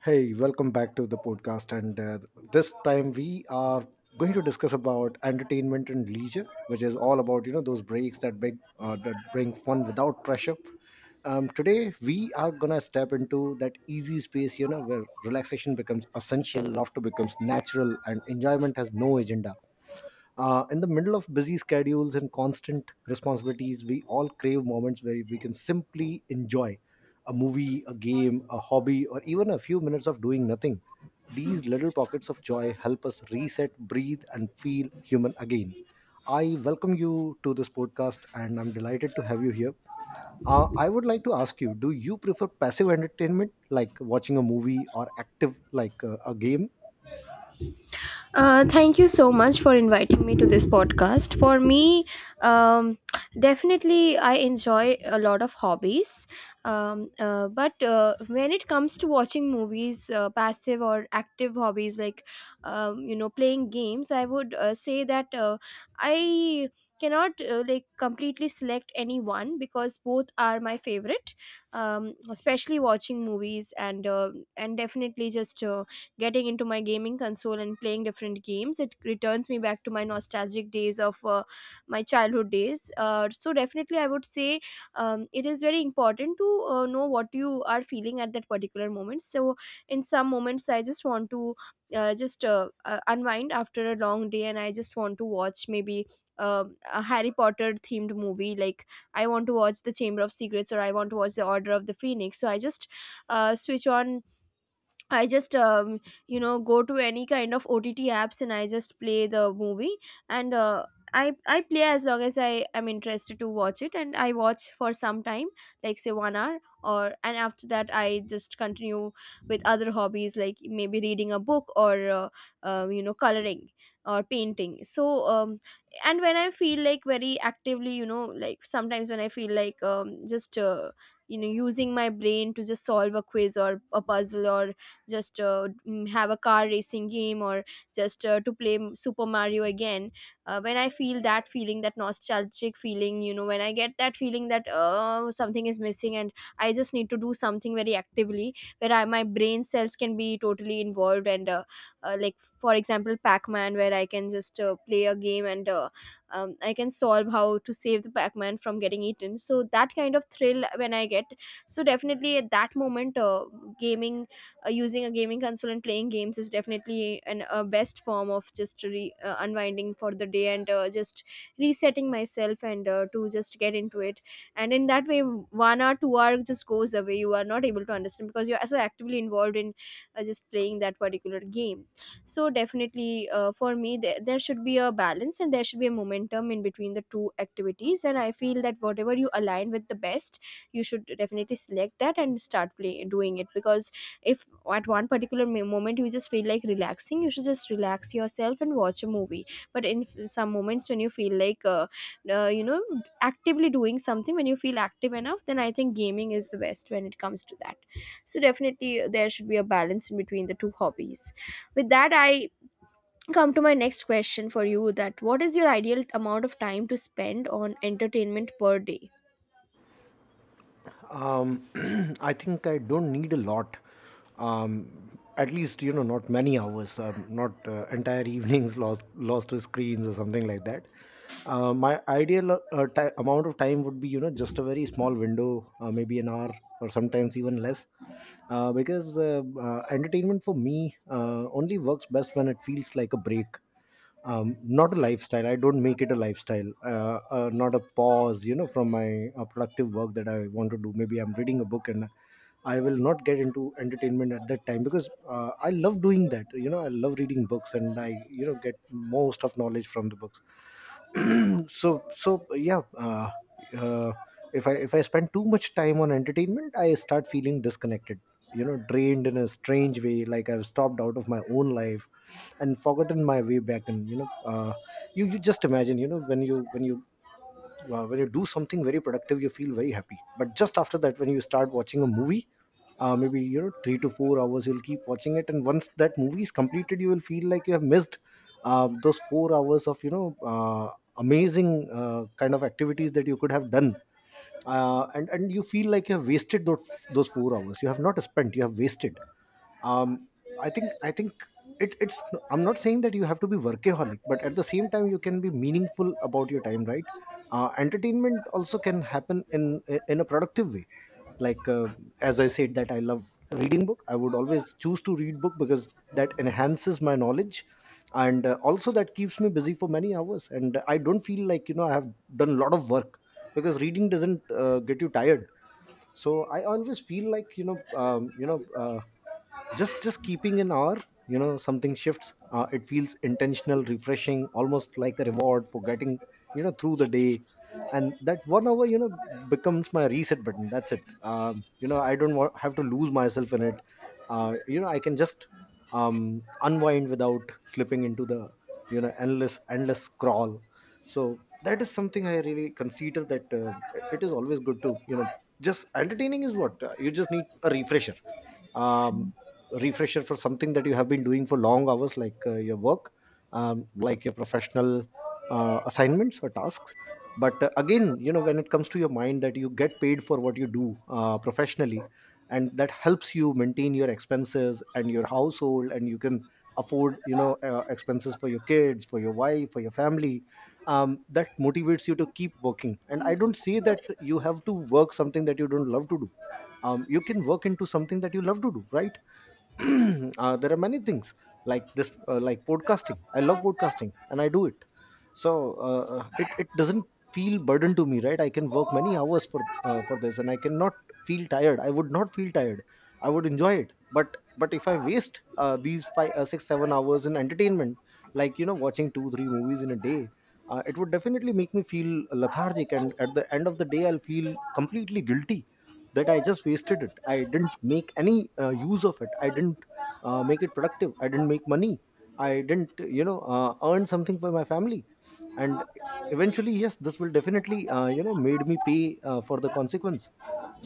Hey, welcome back to the podcast. And this time we are going to discuss about entertainment and leisure, which is all about you know those breaks that big that bring fun without pressure. Today we are gonna step into that easy space, you know, where relaxation becomes essential, laughter becomes natural, and enjoyment has no agenda. In the middle of busy schedules and constant responsibilities, we all crave moments where we can simply enjoy a movie, a game, a hobby, or even a few minutes of doing nothing. These little pockets of joy help us reset, breathe, and feel human again. I welcome you to this podcast and I'm delighted to have you here. I would like to ask you, do you prefer passive entertainment like watching a movie or active like a game? Thank you so much for inviting me to this podcast. For me, um, definitely, I enjoy a lot of hobbies. But When it comes to watching movies, passive or active hobbies like, playing games, I would say that I cannot like completely select any one because both are my favorite, especially watching movies and, definitely just getting into my gaming console and playing different games. It returns me back to my nostalgic days of my childhood days. So definitely, I would say it is very important to know what you are feeling at that particular moment. So in some moments, I just want to just unwind after a long day, and I just want to watch maybe. um a Harry Potter themed movie, like I want to watch The Chamber of Secrets or I want to watch The Order of the Phoenix. So I just switch on I just you know Go to any kind of OTT apps and I just play the movie, and I play as long as I am interested to watch it, and I watch for some time, like say 1 hour or, and after that I just continue with other hobbies, like maybe reading a book or, coloring or painting. And when I feel like very actively, you know, like sometimes when I feel like, just you know, using my brain to just solve a quiz or a puzzle, or just have a car racing game, or just to play Super Mario again. When I feel that feeling, that nostalgic feeling, you know, when I get that feeling that something is missing and I just need to do something very actively where I, my brain cells can be totally involved, and like, for example, Pac-Man, where I can just play a game and, I can solve how to save the Pac-Man from getting eaten, so that kind of thrill when I get. So definitely at that moment, gaming, using a gaming console and playing games is definitely an a best form of just unwinding for the day, and just resetting myself and to just get into it. And in that way, 1 hour, 2 hour just goes away. You are not able to understand because you're so actively involved in just playing that particular game. So definitely, for me, there should be a balance and there should be a momentum in between the two activities, and I feel that whatever you align with the best, you should definitely select that and start play doing it because if at one particular moment you just feel like relaxing, you should just relax yourself and watch a movie. But in some moments, when you feel like you know, actively doing something, when you feel active enough, then I think gaming is the best when it comes to that. So definitely, there should be a balance in between the two hobbies. With that, I come to my next question for you, that what is your ideal amount of time to spend on entertainment per day? Um, I think I don't need a lot. At least, you know, not many hours. Not entire evenings lost to screens or something like that. My ideal ti amount of time would be, you know, just a very small window, maybe an hour or sometimes even less. Because entertainment for me only works best when it feels like a break, not a lifestyle. I don't make it a lifestyle, not a pause, you know, from my productive work that I want to do. Maybe I'm reading a book and I will not get into entertainment at that time because I love doing that. You know, I love reading books and I, you know, get most of knowledge from the books. So yeah. Uh, if I, if I spend too much time on entertainment, I start feeling disconnected, you know, drained in a strange way, like I've stopped out of my own life and forgotten my way back. And you know, you, just imagine, you know, when you, when you do something very productive, you feel very happy. But just after that, when you start watching a movie, maybe, you know, 3 to 4 hours you'll keep watching it, and once that movie is completed, you will feel like you have missed those 4 hours of, you know, amazing kind of activities that you could have done. And you feel like you have wasted those 4 hours. You have not spent, you have wasted. um I think it's I'm not saying that you have to be workaholic, but at the same time, you can be meaningful about your time, right? Entertainment also can happen in a productive way, like as I said, that I love reading book. I would always choose to read book because that enhances my knowledge, and also that keeps me busy for many hours and I don't feel like, you know, I have done a lot of work, because reading doesn't get you tired. So I always feel like, you know, you know, just keeping an hour, you know, something shifts. It feels intentional, refreshing, almost like a reward for getting, you know, through the day. And that 1 hour, you know, becomes my reset button. That's it. You know, I don't have to lose myself in it. You know, I can just unwind without slipping into the, you know, endless scroll. So that is something I really consider, that it is always good to, you know, just entertaining is what. You just need a refresher. um Refresher for something that you have been doing for long hours, like your work, like your professional assignments or tasks. But again, you know, when it comes to your mind that you get paid for what you do professionally, and that helps you maintain your expenses and your household, and you can afford, you know, expenses for your kids, for your wife, for your family. That motivates you to keep working. And I don't say that you have to work something that you don't love to do. You can work into something that you love to do, right? There are many things like this, like podcasting. I love podcasting and I do it. So it doesn't feel burden to me, right? I can work many hours for this and I cannot feel tired. I would not feel tired. I would enjoy it. But if I waste these five 6 7 hours in entertainment, like you know, watching 2 3 movies in a day, it would definitely make me feel lethargic. And at the end of the day, I'll feel completely guilty that I just wasted it. I didn't make any use of it. I didn't make it productive. I didn't make money. I didn't, you know, earn something for my family. And eventually, yes, this will definitely you know, made me pay for the consequence.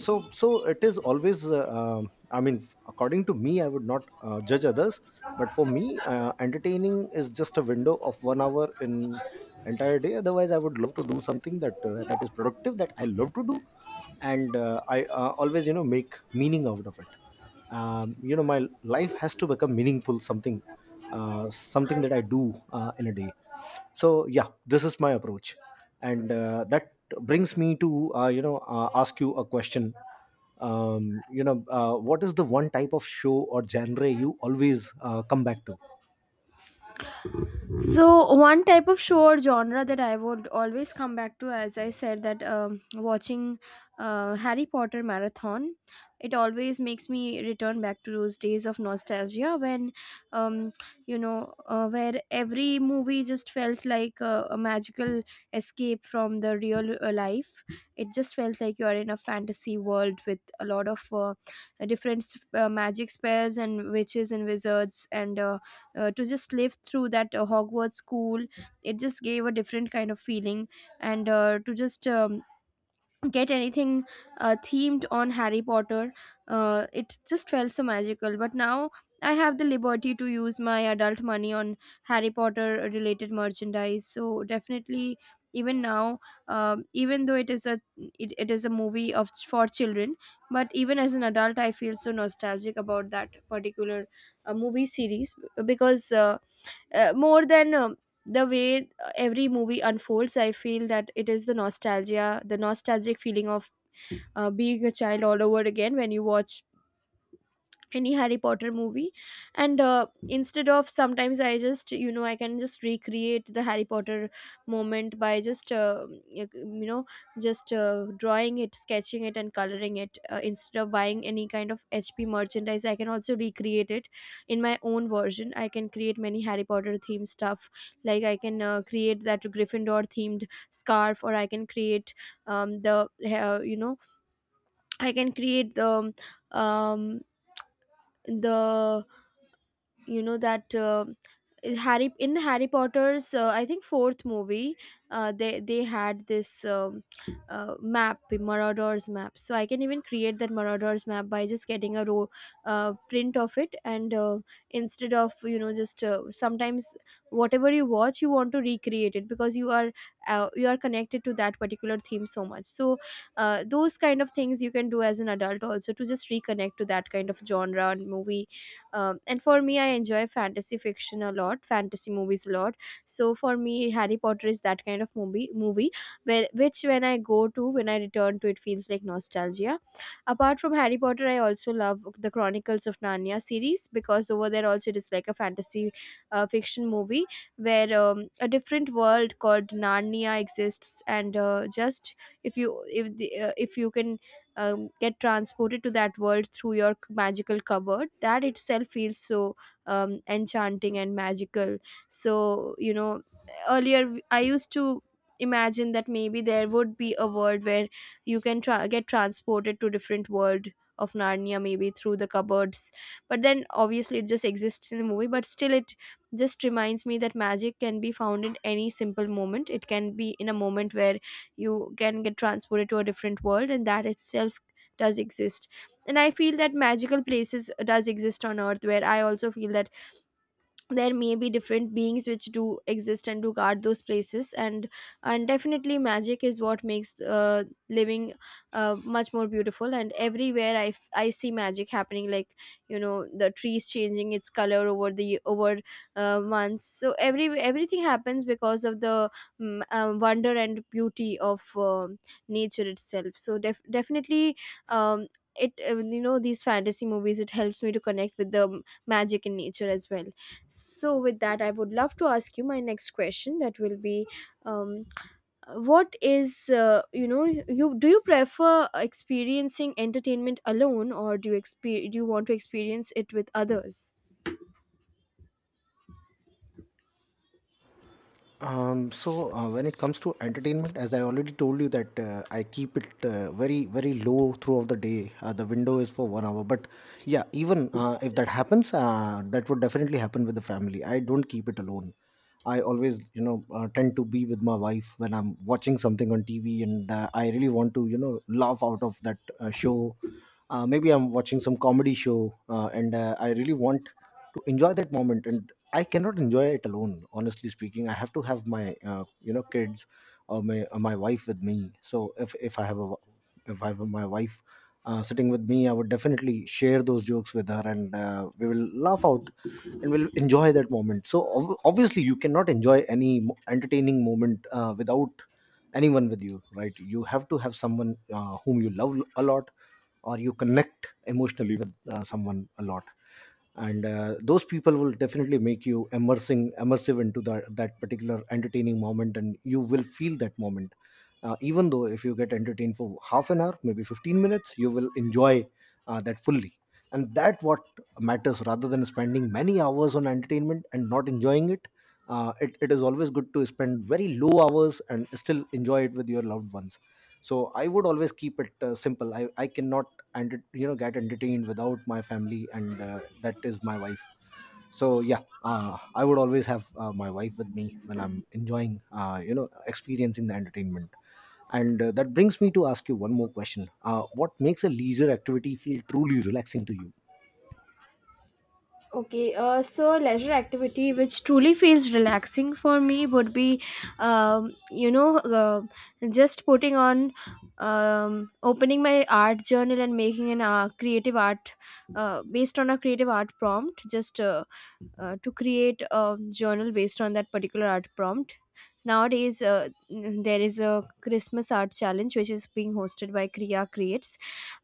So it is always I mean, according to me, I would not judge others. But for me, entertaining is just a window of 1 hour in entire day. Otherwise, I would love to do something that that is productive, that I love to do, and I always, you know, make meaning out of it. You know, my life has to become meaningful. Something something that I do in a day. So yeah, this is my approach. And that brings me to you know, ask you a question. You know, what is the one type of show or genre you always come back to? So one type of show or genre that I would always come back to, as I said, that watching Harry Potter marathon, it always makes me return back to those days of nostalgia when, um, where every movie just felt like a magical escape from the real life. It just felt like you are in a fantasy world with a lot of different magic spells and witches and wizards and. To just live through that Hogwarts school, it just gave a different kind of feeling, and to just get anything themed on Harry Potter, it just felt so magical. But now I have the liberty to use my adult money on Harry Potter related merchandise. So definitely, even now, even though it is a, it is a movie of for children, but even as an adult I feel so nostalgic about that particular movie series, because more than the way every movie unfolds, I feel that it is the nostalgia, the nostalgic feeling of being a child all over again when you watch any Harry Potter movie. And instead of, sometimes I just, you know, I can just recreate the Harry Potter moment by just you know, just drawing it, sketching it and coloring it, instead of buying any kind of HP merchandise. I can also recreate it in my own version. I can create many Harry Potter themed stuff, like I can create that Gryffindor themed scarf, or I can create, the you know I can create the, um, the you know that Harry in Harry Potter's, I think, fourth movie, they had this map, Marauders map. So I can even create that Marauders map by just getting a row print of it. And instead of, you know, just sometimes whatever you watch, you want to recreate it because you are connected to that particular theme so much. So those kind of things you can do as an adult also, to just reconnect to that kind of genre and movie. And for me, I enjoy fantasy fiction a lot, fantasy movies a lot. So for me, Harry Potter is that kind of movie where, which when I go to, when I return to, it feels like nostalgia. Apart from Harry Potter, I also love the Chronicles of Narnia series, because over there also it is like a fantasy fiction movie where a different world called Narnia exists, and just if the, if you can get transported to that world through your magical cupboard, that itself feels so enchanting and magical. So you know, earlier I used to imagine that maybe there would be a world where you can get transported to different world of Narnia, maybe through the cupboards. But then obviously it just exists in the movie, but still it just reminds me that magic can be found in any simple moment. It can be in a moment where you can get transported to a different world, and that itself does exist. And I feel that magical places does exist on earth, where I also feel that there may be different beings which do exist and do guard those places. And definitely, magic is what makes living much more beautiful, and everywhere I see magic happening, like, you know, the trees changing its color over the over months. So everything happens because of the wonder and beauty of nature itself. So definitely, um, it you know, these fantasy movies, it helps me to connect with the magic in nature as well. So, with that, I would love to ask you my next question. That will be, um, what is you know, you prefer experiencing entertainment alone, or do you do you want to experience it with others? So when it comes to entertainment, as I already told you, that I keep it very very low throughout the day. The window is for 1 hour, but yeah, even if that happens, that would definitely happen with the family. I don't keep it alone. I always, you know, tend to be with my wife when I'm watching something on TV, and I really want to, you know, laugh out of that show. Maybe I'm watching some comedy show, and I really want to enjoy that moment, and I cannot enjoy it alone. Honestly speaking, I have to have my you know, kids or my wife with me. So if I have a, if I have my wife sitting with me, I would definitely share those jokes with her, and we will laugh out, and we'll enjoy that moment. So obviously, you cannot enjoy any entertaining moment without anyone with you, right? You have to have someone whom you love a lot, or you connect emotionally with someone a lot, and those people will definitely make you immersing immersive into that particular entertaining moment, and you will feel that moment. Even though if you get entertained for half an hour, maybe 15 minutes, you will enjoy that fully, and that what matters, rather than spending many hours on entertainment and not enjoying it. It is always good to spend very low hours and still enjoy it with your loved ones. So I would always keep it simple. I cannot, and you know, get entertained without my family, and that is my wife. So yeah, I would always have my wife with me when I'm enjoying you know, experiencing the entertainment. And that brings me to ask you one more question. What makes a leisure activity feel truly relaxing to you? Okay, so a leisure activity which truly feels relaxing for me would be, um, you know, uh, just putting on, opening my art journal and making an creative art, based on a creative art prompt. Just to create a journal based on that particular art prompt. Nowadays, there is a Christmas art challenge which is being hosted by Kriya Creates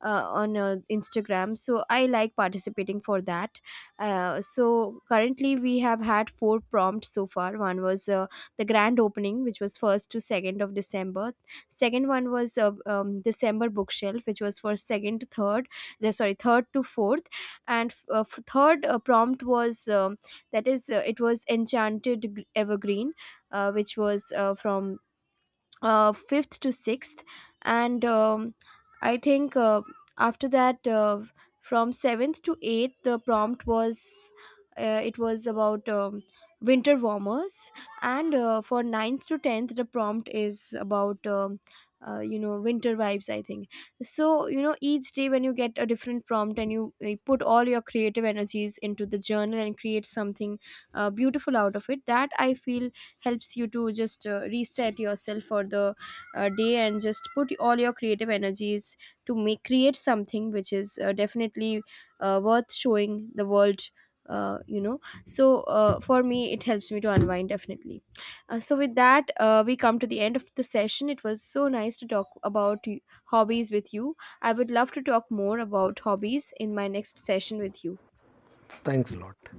on Instagram. So I like participating for that. So currently, we have had four prompts so far. One was the grand opening, which was first to 2nd of December. Second one was December bookshelf, which was for second to third. Sorry, third to fourth, and third prompt was, that is it was enchanted evergreen, which was from 5th to 6th. And I think after that, from 7th to 8th the prompt was, it was about winter warmers. And for ninth to 10th the prompt is about, you know, winter vibes, I think. So you know, each day when you get a different prompt and you put all your creative energies into the journal and create something beautiful out of it, that I feel helps you to just reset yourself for the day, and just put all your creative energies to make create something which is definitely worth showing the world, you know. So for me, it helps me to unwind definitely. So with that, we come to the end of the session. It was so nice to talk about hobbies with you. I would love to talk more about hobbies in my next session with you. Thanks a lot.